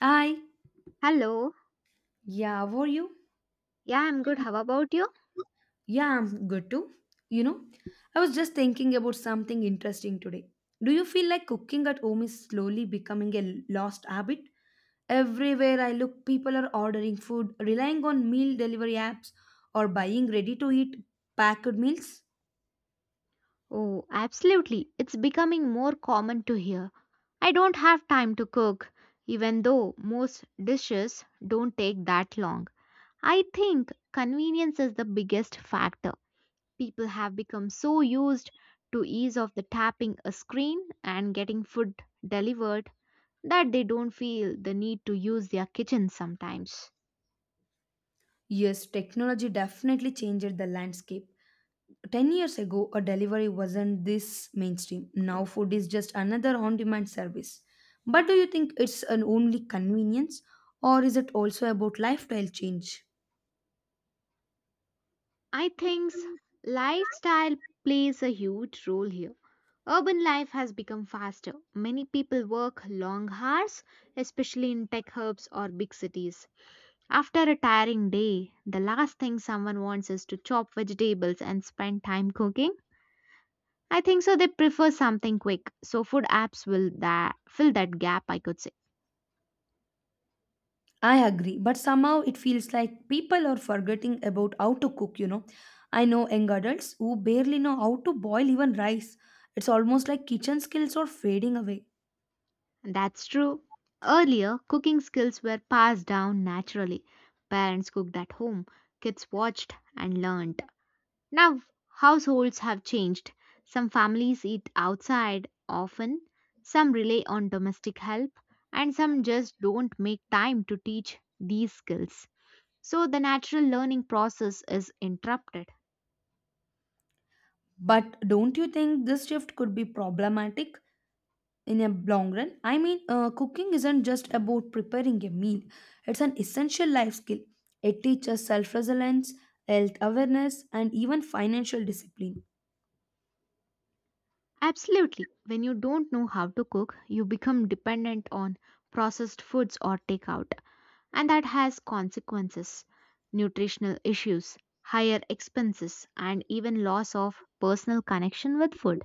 Hi. Hello. Yeah, how are you? Yeah, I'm good. How about you? Yeah, I'm good too. You know, I was just thinking about something interesting today. Do you feel like cooking at home is slowly becoming a lost habit? Everywhere I look, people are ordering food, relying on meal delivery apps, or buying ready to eat packed meals. Oh, absolutely. It's becoming more common to hear. I don't have time to cook, even though most dishes don't take that long. I think convenience is the biggest factor. People have become so used to ease of the tapping a screen and getting food delivered that they don't feel the need to use their kitchen sometimes. Yes, technology definitely changed the landscape. 10 years ago, a delivery wasn't this mainstream. Now, food is just another on demand service. But do you think it's an only convenience or is it also about lifestyle change? I think lifestyle plays a huge role here. Urban life has become faster. Many people work long hours, especially in tech hubs or big cities. After a tiring day, the last thing someone wants is to chop vegetables and spend time cooking. I think so they prefer something quick. So food apps will that fill that gap I could say. I agree, but somehow it feels like people are forgetting about how to cook. I know young adults who barely know how to boil even rice. It's almost like kitchen skills are fading away. That's true. Earlier, cooking skills were passed down naturally. Parents cooked at home, kids watched and learned. Now, households have changed. Some families eat outside often, some rely on domestic help, and some just don't make time to teach these skills. So, the natural learning process is interrupted. But don't you think this shift could be problematic in a long run? I mean, cooking isn't just about preparing a meal, it's an essential life skill. It teaches self resilience, health awareness, and even financial discipline. Absolutely. When you don't know how to cook, you become dependent on processed foods or takeout, and that has consequences, nutritional issues, higher expenses, and even loss of personal connection with food.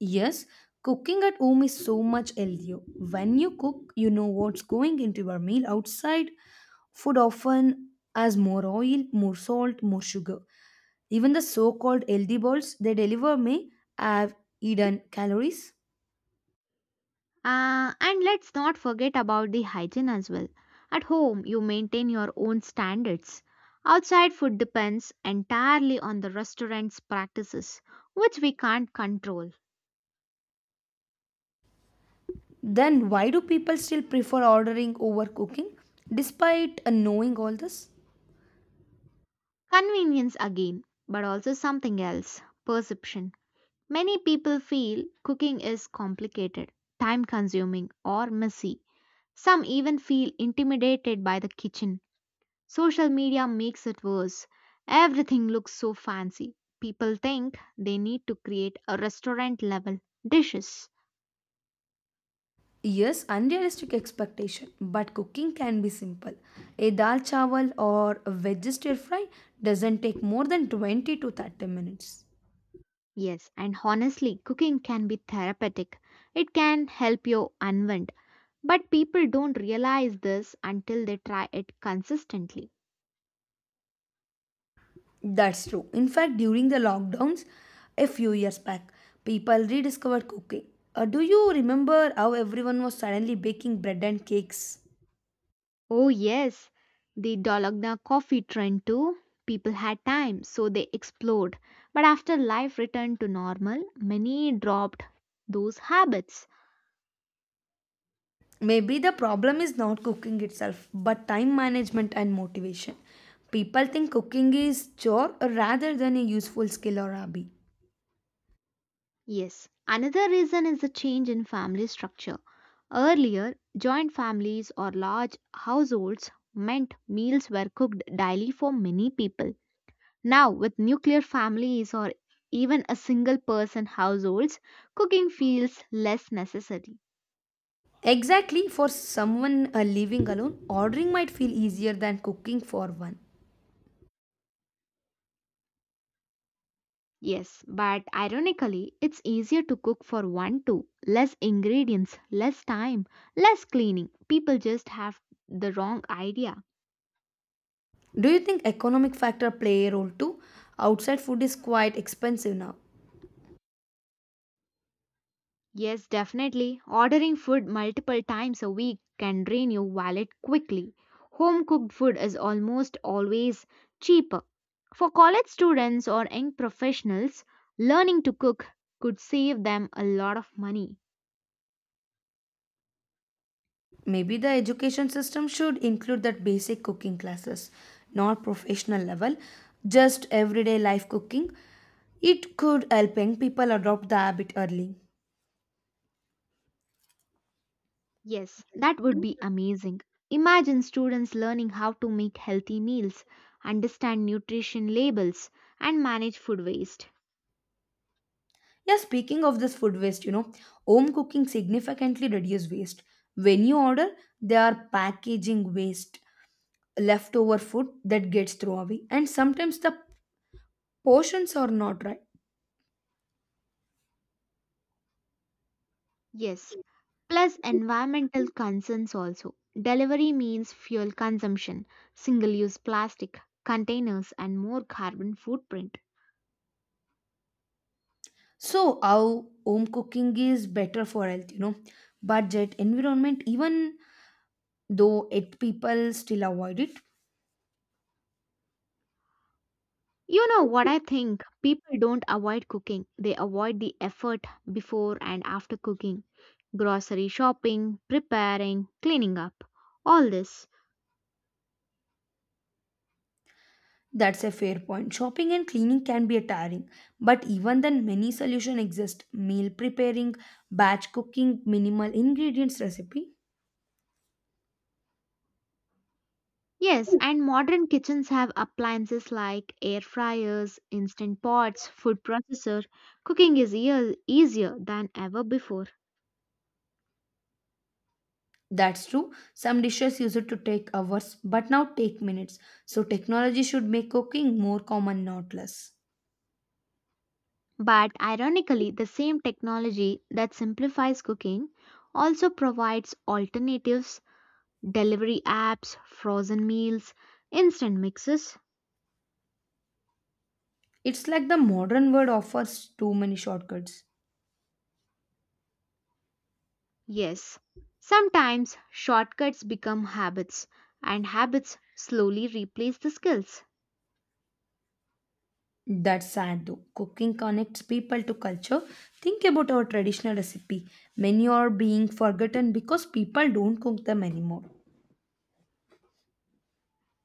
Yes, cooking at home is so much healthier. When you cook, you know what's going into your meal. Outside food often has more oil, more salt, more sugar. Even the so called healthy bowls they deliver may have hidden calories. And let's not forget about the hygiene as well. At home, you maintain your own standards. Outside food depends entirely on the restaurant's practices, which we can't control. Then why do people still prefer ordering over cooking despite knowing all this? Convenience again, but also something else, perception. Many people feel cooking is complicated, time consuming, or messy. Some even feel intimidated by the kitchen. Social media makes it worse. Everything looks so fancy. People think they need to create a restaurant level dishes. Yes, unrealistic expectation, but cooking can be simple. A dal chawal or a veggie stir fry doesn't take more than 20 to 30 minutes. Yes, and honestly, cooking can be therapeutic. It can help you unwind. But people don't realize this until they try it consistently. That's true. In fact, during the lockdowns a few years back, people rediscovered cooking. Do you remember how everyone was suddenly baking bread and cakes? Oh, yes, the Dolagna coffee trend too. People had time, so they explored. But after life returned to normal, many dropped those habits. Maybe the problem is not cooking itself, but time management and motivation. People think cooking is chore rather than a useful skill or hobby. Yes, another reason is the change in family structure. Earlier, joint families or large households meant meals were cooked daily for many people. Now, with nuclear families or even a single person households, cooking feels less necessary. Exactly, for someone living alone, ordering might feel easier than cooking for one. Yes, but ironically, it's easier to cook for one too. Less ingredients, less time, less cleaning. People just have the wrong idea. Do you think economic factor play a role too? Outside food is quite expensive now. Yes, definitely. Ordering food multiple times a week can drain your wallet quickly. Home cooked food is almost always cheaper. For college students or young professionals, learning to cook could save them a lot of money. Maybe the education system should include that basic cooking classes, not professional level, just everyday life cooking. It could help young people adopt the habit early. Yes, that would be amazing. Imagine students learning how to make healthy meals, understand nutrition labels, and manage food waste. Yeah, speaking of this food waste, home cooking significantly reduces waste. When you order, there are packaging waste, leftover food that gets thrown away, and sometimes the portions are not right. Yes, plus environmental concerns also. Delivery means fuel consumption, single use plastic, containers, and more carbon footprint. So our home cooking is better for health, budget, environment, even though it people still avoid it. You know what I think? People don't avoid cooking, they avoid the effort before and after cooking, grocery shopping, preparing, cleaning up, all this. That's a fair point, shopping and cleaning can be tiring, but even then many solutions exist: meal preparing, batch cooking, minimal ingredients recipe. Yes, and modern kitchens have appliances like air fryers, instant pots, food processor. Cooking is easier than ever before. That's true, some dishes used to take hours but now take minutes. So technology should make cooking more common, not less. But ironically, the same technology that simplifies cooking also provides alternatives, delivery apps, frozen meals, instant mixes. It's like the modern world offers too many shortcuts. Yes, sometimes shortcuts become habits, and habits slowly replace the skills. That's sad though. Cooking connects people to culture. Think about our traditional recipe. Many are being forgotten because people don't cook them anymore.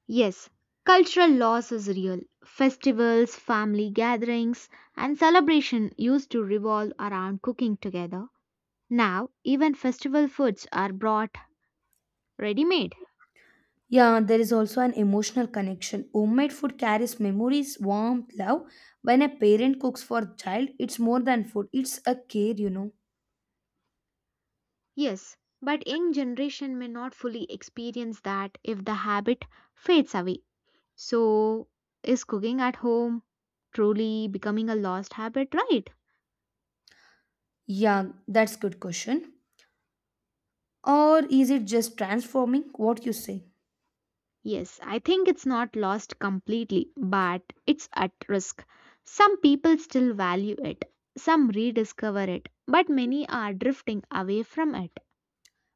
Yes, cultural loss is real. Festivals, family gatherings, and celebration used to revolve around cooking together. Now, even festival foods are brought ready made. Yeah, there is also an emotional connection. Homemade food carries memories, warmth, love. When a parent cooks for a child, it's more than food, it's a care. Yes, but young generation may not fully experience that if the habit fades away. So, is cooking at home truly becoming a lost habit, right? Yeah, that's good question. Or is it just transforming? What you say? Yes, I think it's not lost completely, but it's at risk. Some people still value it, some rediscover it, but many are drifting away from it.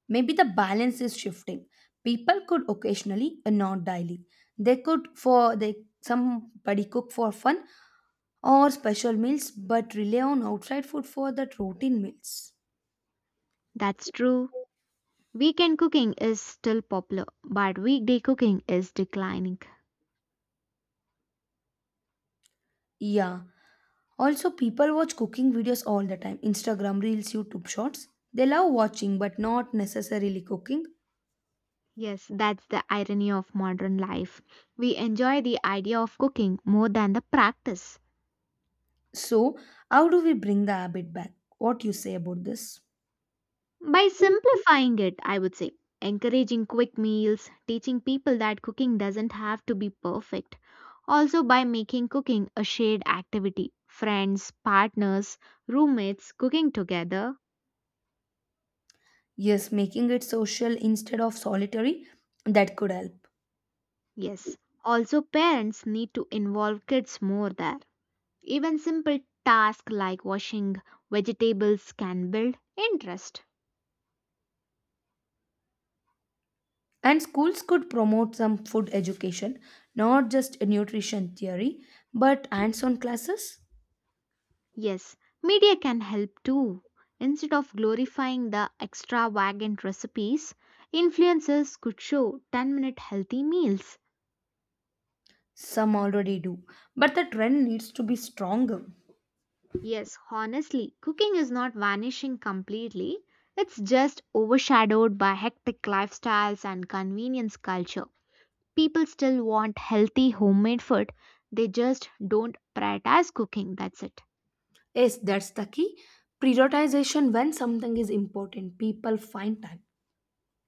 Maybe the balance is shifting. People could occasionally and not daily. They could for they somebody cook for fun or special meals, but rely on outside food for that routine meals. That's true. Weekend cooking is still popular, but weekday cooking is declining. Yeah. Also, people watch cooking videos all the time, Instagram Reels, YouTube Shorts. They love watching but not necessarily cooking. Yes, that's the irony of modern life. We enjoy the idea of cooking more than the practice. So, how do we bring the habit back? What you say about this? By simplifying it, I would say, encouraging quick meals, teaching people that cooking doesn't have to be perfect. Also, by making cooking a shared activity, friends, partners, roommates cooking together. Yes, making it social instead of solitary, that could help. Yes, also, parents need to involve kids more there. Even simple tasks like washing vegetables can build interest. And schools could promote some food education, not just nutrition theory, but hands on classes. Yes, media can help too. Instead of glorifying the extravagant recipes, influencers could show 10-minute healthy meals. Some already do, but the trend needs to be stronger. Yes, honestly, cooking is not vanishing completely, it's just overshadowed by hectic lifestyles and convenience culture. People still want healthy homemade food, they just don't prioritize cooking, that's it. Yes, that's the key. Prioritization, when something is important, people find time.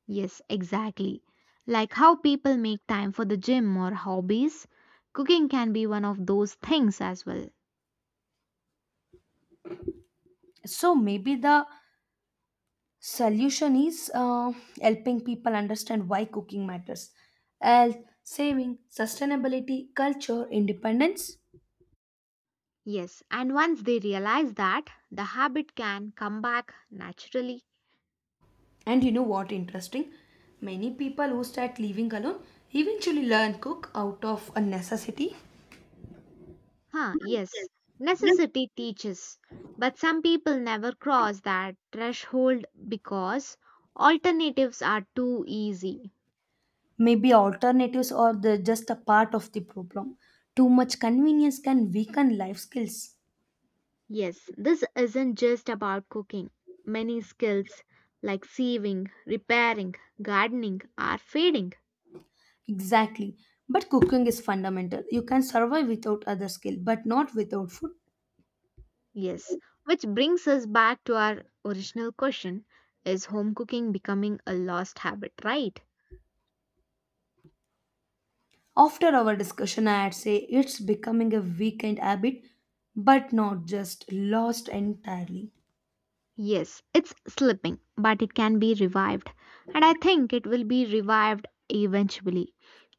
Yes, exactly. Like how people make time for the gym or hobbies, cooking can be one of those things as well. So maybe the solution is helping people understand why cooking matters: health, saving, sustainability, culture, independence. Yes, and once they realize that, the habit can come back naturally. And you know what interesting, many people who start living alone eventually learn cook out of a necessity. Huh, yes, necessity teaches. But some people never cross that threshold because alternatives are too easy. Maybe alternatives or the just a part of the problem. Too much convenience can weaken life skills. Yes, this isn't just about cooking. Many skills like sieving, repairing, gardening are fading. Exactly, but cooking is fundamental. You can survive without other skill but not without food. Yes, which brings us back to our original question, is home cooking becoming a lost habit, right? After our discussion, I'd say it's becoming a weekend habit, but not just lost entirely. Yes, it's slipping, but it can be revived. And I think it will be revived eventually.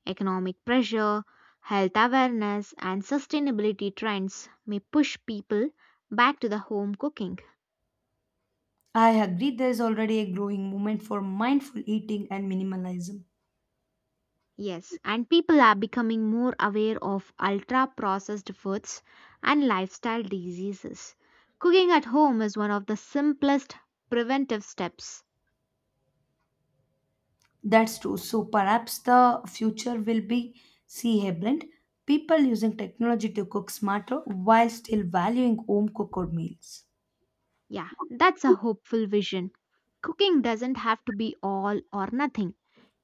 Economic pressure, health awareness, and sustainability trends may push people back to the home cooking. I agree, there's already a growing movement for mindful eating and minimalism. Yes, and people are becoming more aware of ultra processed foods and lifestyle diseases. Cooking at home is one of the simplest preventive steps. That's true. So perhaps the future will be see a blend. People using technology to cook smarter while still valuing home cooked meals. Yeah, that's a hopeful vision. Cooking doesn't have to be all or nothing.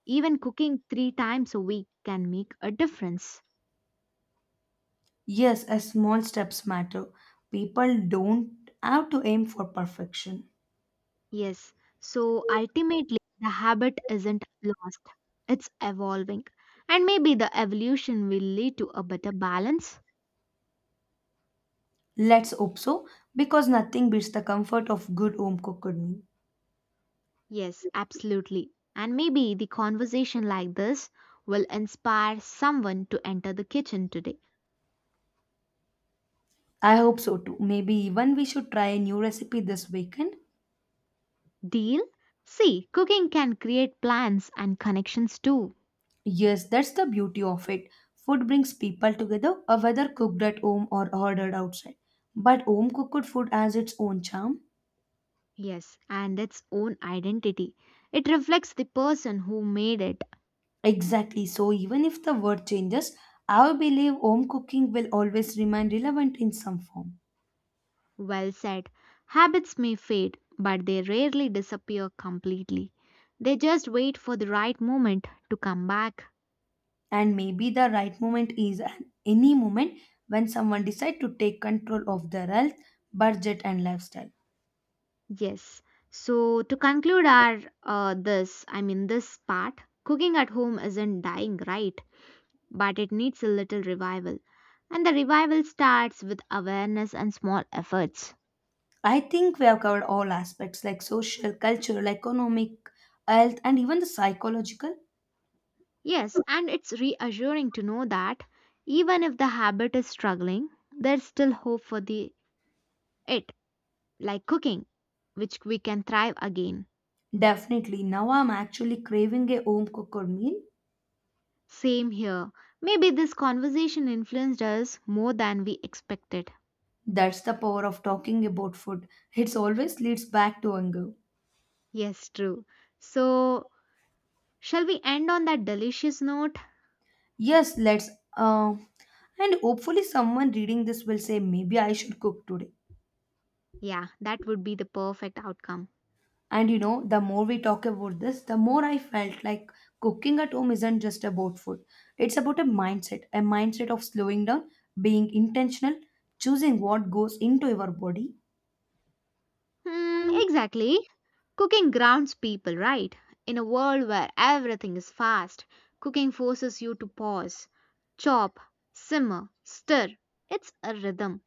Even cooking three times a week can make a difference. Yes, as small steps matter. People don't have to aim for perfection. Yes, so ultimately, the habit isn't lost, it's evolving. And maybe the evolution will lead to a better balance. Let's hope so, because nothing beats the comfort of good home cooked meal. Yes, absolutely. And maybe the conversation like this will inspire someone to enter the kitchen today. I hope so too. Maybe even we should try a new recipe this weekend. Deal? See, cooking can create plans and connections too. Yes, that's the beauty of it. Food brings people together, whether cooked at home or ordered outside. But home cooked food has its own charm. Yes, and its own identity. It reflects the person who made it. Exactly. So even if the world changes, I believe home cooking will always remain relevant in some form. Well said. Habits may fade, but they rarely disappear completely. They just wait for the right moment to come back. And maybe the right moment is at any moment when someone decides to take control of their health, budget and lifestyle. Yes. So to conclude our I mean this part, cooking at home isn't dying, right? But it needs a little revival. And the revival starts with awareness and small efforts. I think we have covered all aspects like social, cultural, economic, health and even the psychological. Yes, and it's reassuring to know that even if the habit is struggling, there's still hope for the it, like cooking, which we can thrive again. Definitely, now I'm actually craving a home cooked meal. Same here. Maybe this conversation influenced us more than we expected. That's the power of talking about food, it always leads back to hunger. Yes, true. So shall we end on that delicious note? Yes, let's. uh, and hopefully someone reading this will say maybe I should cook today. Yeah, that would be the perfect outcome. The more we talk about this, the more I felt like cooking at home isn't just about food. It's about a mindset of slowing down, being intentional, choosing what goes into your body. Hmm, exactly. Cooking grounds people, right? In a world where everything is fast, cooking forces you to pause, chop, simmer, stir. It's a rhythm.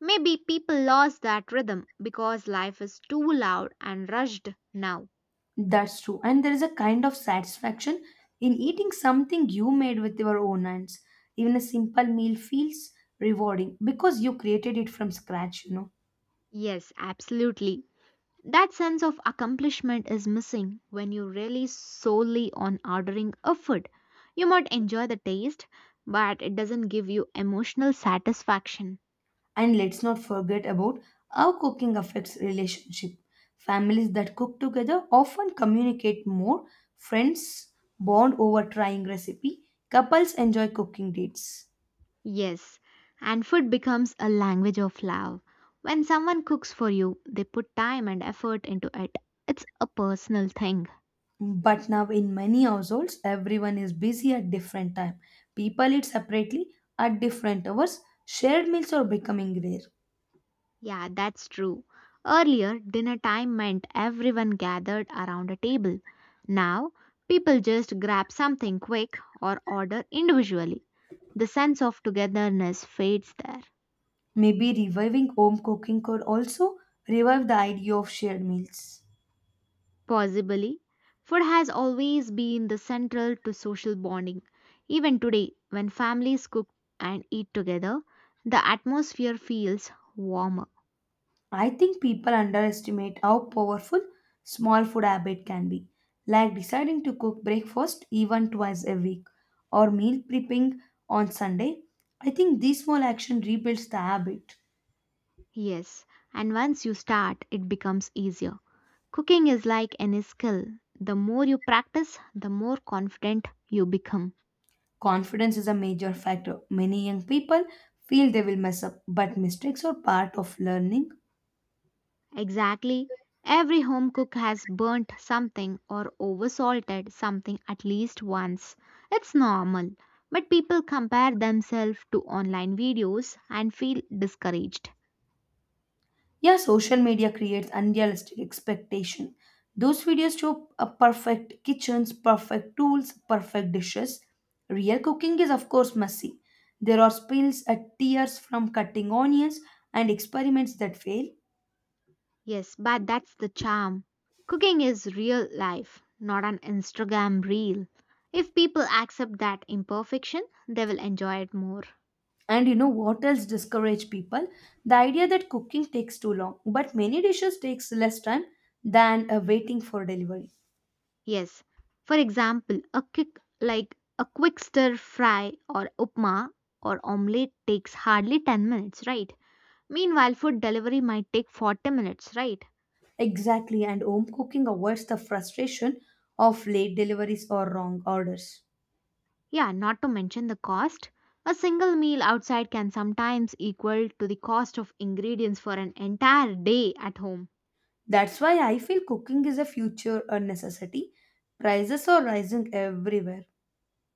Maybe people lost that rhythm because life is too loud and rushed now. That's true. And there is a kind of satisfaction in eating something you made with your own hands. Even a simple meal feels rewarding because you created it from scratch. Yes, absolutely. That sense of accomplishment is missing when you rely solely on ordering a food. You might enjoy the taste, but it doesn't give you emotional satisfaction. And let's not forget about how cooking affects relationship. Families that cook together often communicate more. Friends bond over trying recipe. Couples enjoy cooking dates. Yes, and food becomes a language of love. When someone cooks for you, they put time and effort into it. It's a personal thing. But now in many households, everyone is busy at different time. People eat separately at different hours. Shared meals are becoming rare. Yeah, that's true. Earlier, dinner time meant everyone gathered around a table. Now, people just grab something quick or order individually. The sense of togetherness fades there. Maybe reviving home cooking could also revive the idea of shared meals. Possibly, food has always been the central to social bonding. Even today, when families cook and eat together, the atmosphere feels warmer. I think people underestimate how powerful small food habit can be, like deciding to cook breakfast even twice a week or meal prepping on Sunday. I think this small action rebuilds the habit. Yes, and once you start, it becomes easier. Cooking is like any skill. The more you practice, the more confident you become. Confidence is a major factor. Many young people feel they will mess up, but mistakes are part of learning. Exactly. Every home cook has burnt something or oversalted something at least once. It's normal. But people compare themselves to online videos and feel discouraged. Yeah, social media creates unrealistic expectation. Those videos show a perfect kitchens, perfect tools, perfect dishes. Real cooking is of course messy. There are spills and tears from cutting onions and experiments that fail. Yes, but that's the charm. Cooking is real life, not an Instagram reel. If people accept that imperfection, they will enjoy it more. And you know what else discourage people? The idea that cooking takes too long, but many dishes takes less time than waiting for delivery. Yes. For example, a quick stir fry or upma or omelette takes hardly 10 minutes, right? Meanwhile, food delivery might take 40 minutes, right? Exactly, and home cooking avoids the frustration of late deliveries or wrong orders. Yeah, not to mention the cost. A single meal outside can sometimes equal to the cost of ingredients for an entire day at home. That's why I feel cooking is a future a necessity. Prices are rising everywhere.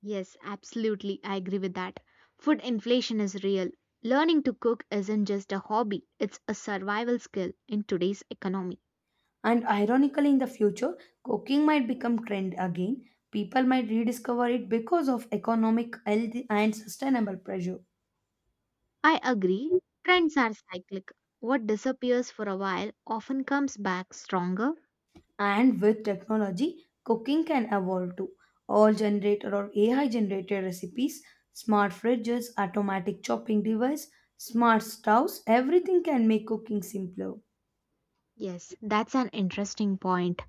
Yes, absolutely. I agree with that. Food inflation is real. Learning to cook isn't just a hobby, it's a survival skill in today's economy. And ironically, in the future, cooking might become trend again. People might rediscover it because of economic, health and sustainable pressure. I agree. Trends are cyclic. What disappears for a while often comes back stronger. And with technology, cooking can evolve too. All generated or AI generated recipes, smart fridges, automatic chopping device, smart stoves, everything can make cooking simpler. Yes, that's an interesting point.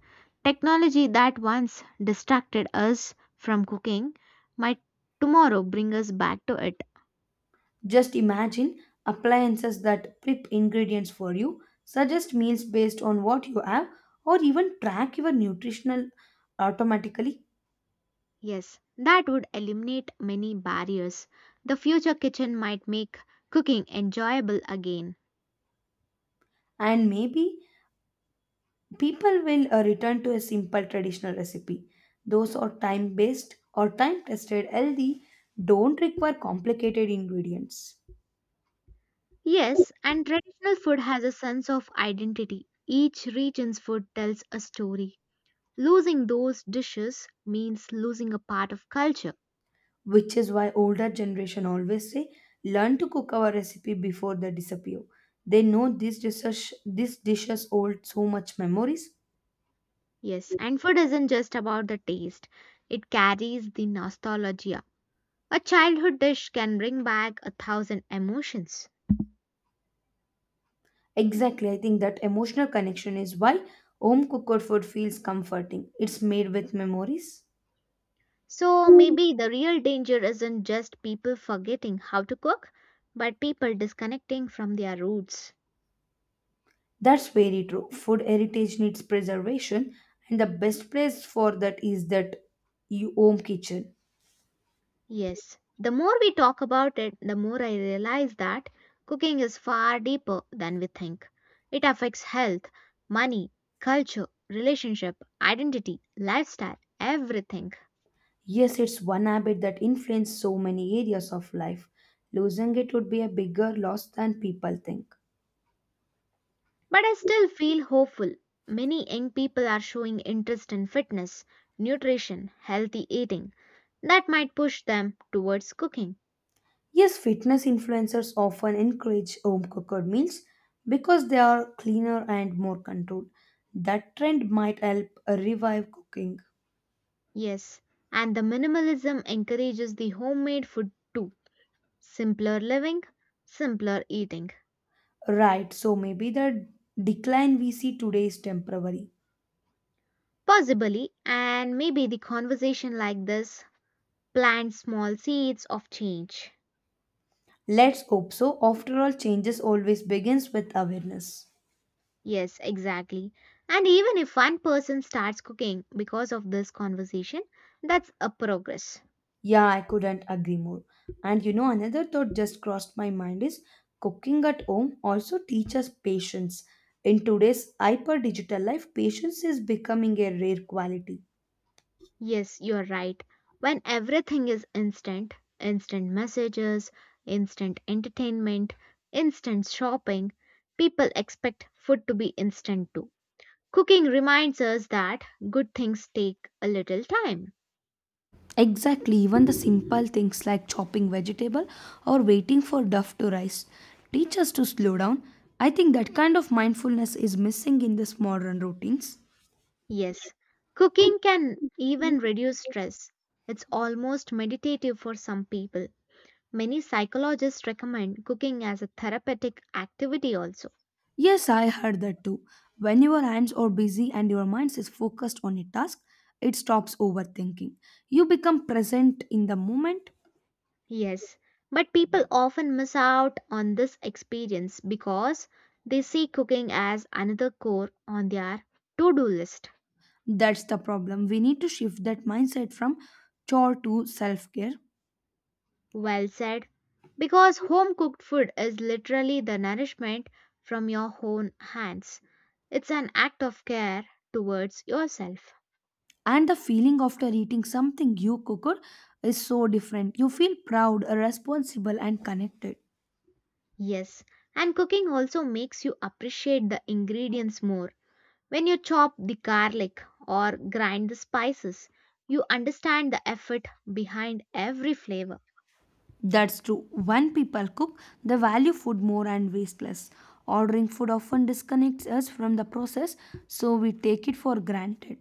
Technology that once distracted us from cooking might tomorrow bring us back to it. Just imagine appliances that prep ingredients for you, suggest meals based on what you have, or even track your nutritional automatically. Yes, that would eliminate many barriers. The future kitchen might make cooking enjoyable again. And maybe people will return to a simple traditional recipe. Those are time based or time tested healthy, don't require complicated ingredients, Yes, and traditional food has a sense of identity. Each region's food tells a story. Losing those dishes means losing a part of culture. which is why older generation always say learn to cook our recipe before they disappear. They know these dishes hold so much memories. Yes, and food isn't just about the taste, it carries the nostalgia. A childhood dish can bring back a thousand emotions. Exactly, I think that emotional connection is why home cooked food feels comforting. It's made with memories. So maybe the real danger isn't just people forgetting how to cook, but people disconnecting from their roots. That's very true. Food heritage needs preservation, and the best place for that is that you home kitchen. Yes, the more we talk about it, the more I realize that cooking is far deeper than we think. It affects health, money, culture, relationship, identity, lifestyle, everything. Yes, it's one habit that influences so many areas of life. Losing it would be a bigger loss than people think. But I still feel hopeful. Many young people are showing interest in fitness, nutrition, healthy eating. That might push them towards cooking. Yes, fitness influencers often encourage home cooked meals because they are cleaner and more controlled. That trend might help revive cooking. Yes, and the minimalism encourages the homemade food too. Simpler living, simpler eating. Right, so maybe the decline we see today is temporary. Possibly, and maybe the conversation like this plants small seeds of change. Let's hope so. After all, changes always begins with awareness. Yes, exactly. And even if one person starts cooking because of this conversation, that's a progress. Yeah, I couldn't agree more. Another thought just crossed my mind is cooking at home also teaches patience. In today's hyper digital life, patience is becoming a rare quality. Yes, you're right. When everything is instant, instant messages, instant entertainment, instant shopping, people expect food to be instant too. Cooking reminds us that good things take a little time. Exactly, even the simple things like chopping vegetable or waiting for duff to rise teach us to slow down. I think that kind of mindfulness is missing in this modern routines. Yes, cooking can even reduce stress. It's almost meditative for some people. Many psychologists recommend cooking as a therapeutic activity, also. Yes, I heard that too. When your hands are busy and your mind is focused on a task, it stops overthinking. You become present in the moment. Yes, but people often miss out on this experience because they see cooking as another chore on their to do list. That's the problem. We need to shift that mindset from chore to self care. Well said. Because home cooked food is literally the nourishment from your own hands, it's an act of care towards yourself. And the feeling after eating something you cooked is so different. You feel proud, responsible and connected. Yes, and cooking also makes you appreciate the ingredients more. When you chop the garlic or grind the spices, you understand the effort behind every flavor. That's true, when people cook they value food more and waste less. Ordering food often disconnects us from the process, so we take it for granted.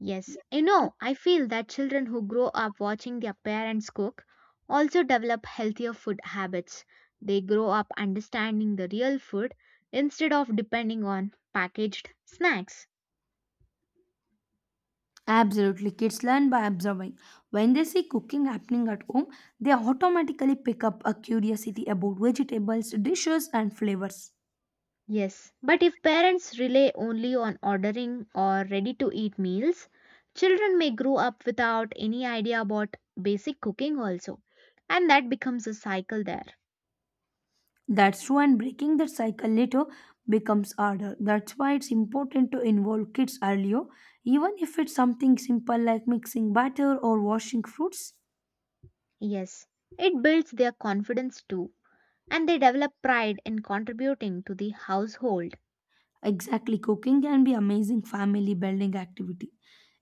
Yes, you know, I feel that children who grow up watching their parents cook also develop healthier food habits. They grow up understanding the real food instead of depending on packaged snacks. Absolutely, kids learn by observing. When they see cooking happening at home, they automatically pick up a curiosity about vegetables, dishes and flavors. Yes, but if parents rely only on ordering or ready to eat meals, children may grow up without any idea about basic cooking also. And that becomes a cycle there. That's true, and breaking that cycle later becomes harder. That's why it's important to involve kids earlier, even if it's something simple like mixing batter or washing fruits. Yes, it builds their confidence too, and they develop pride in contributing to the household. Exactly, cooking can be amazing family building activity.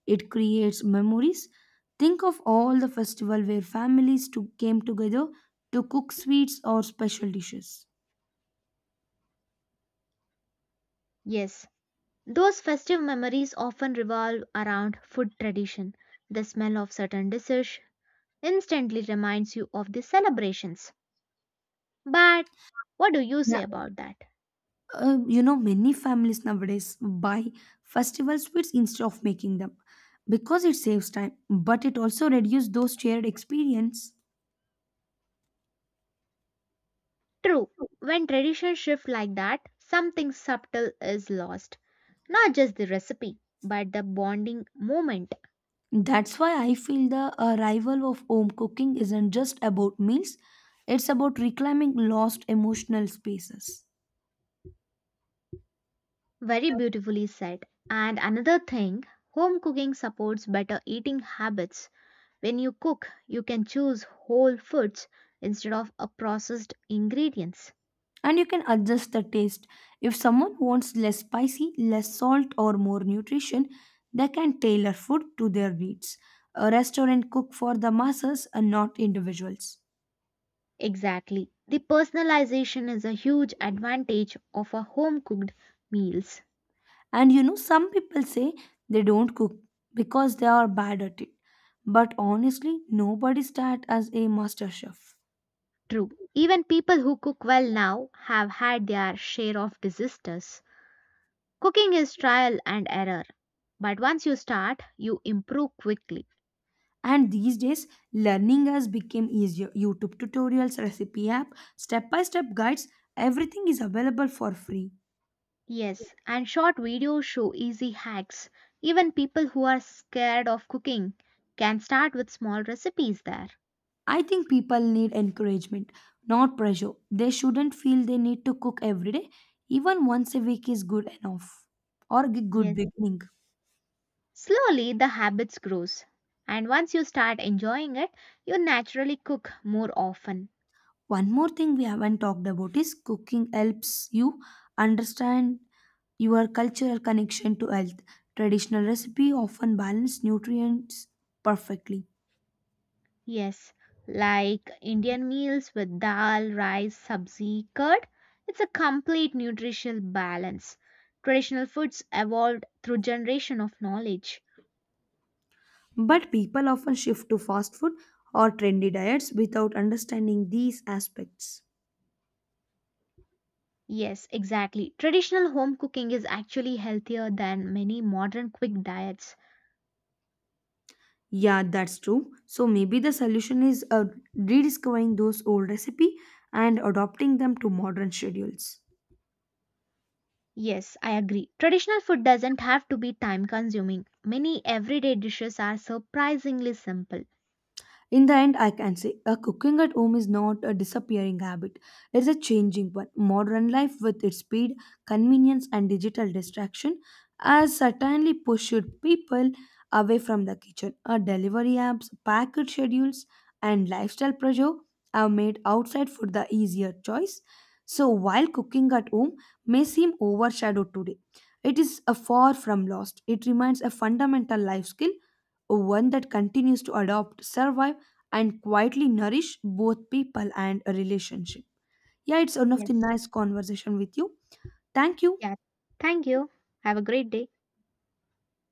It creates memories. Think of all the festival where families came together to cook sweets or special dishes. Yes, those festive memories often revolve around food tradition. The smell of certain dishes instantly reminds you of the celebrations. But what do you say about that? Many families nowadays buy festival sweets instead of making them because it saves time, but it also reduces those shared experience. True, when traditions shift like that, something subtle is lost. Not just the recipe, but the bonding moment. That's why I feel the arrival of home cooking isn't just about meals, it's about reclaiming lost emotional spaces. Very beautifully said. And another thing, home cooking supports better eating habits. When you cook, you can choose whole foods instead of a processed ingredients. And you can adjust the taste if someone wants less spicy, less salt or more nutrition. They can tailor food to their needs. A restaurant cook for the masses and not individuals. Exactly. The personalization is a huge advantage of a home cooked meals. Some people say they don't cook because they are bad at it. But honestly, nobody starts as a master chef. True. Even people who cook well now have had their share of disasters. Cooking is trial and error. But once you start, you improve quickly. And these days, learning has become easier. YouTube tutorials, recipe app, step by step guides, everything is available for free. Yes, and short videos show easy hacks. Even people who are scared of cooking can start with small recipes there. I think people need encouragement, not pressure. They shouldn't feel they need to cook every day. Even once a week is good enough, or a good Yes. beginning. Slowly the habits grows. And once you start enjoying it, you naturally cook more often. One more thing we haven't talked about is cooking helps you understand your cultural connection to health. Traditional recipe often balance nutrients perfectly, Yes, like Indian meals with dal, rice, sabzi, curd. It's a complete nutritional balance. Traditional foods evolved through generation of knowledge. but people often shift to fast food or trendy diets without understanding these aspects. Yes, exactly. Traditional home cooking is actually healthier than many modern quick diets. Yeah, that's true. So maybe the solution is rediscovering those old recipe and adopting them to modern schedules. Yes, I agree. Traditional food doesn't have to be time consuming. Many everyday dishes are surprisingly simple. In the end, I can say a cooking at home is not a disappearing habit. It's a changing one. Modern life with its speed, convenience and digital distraction has certainly pushed people away from the kitchen. Our delivery apps, packed schedules and lifestyle pressure have made outside food the easier choice. So while cooking at home may seem overshadowed today, it is a far from lost. It remains a fundamental life skill, one that continues to adopt, survive and quietly nourish both people and a relationship. Yeah, it's one of the Yes. nice conversation with you. Thank you. Yeah. Thank you. Have a great day.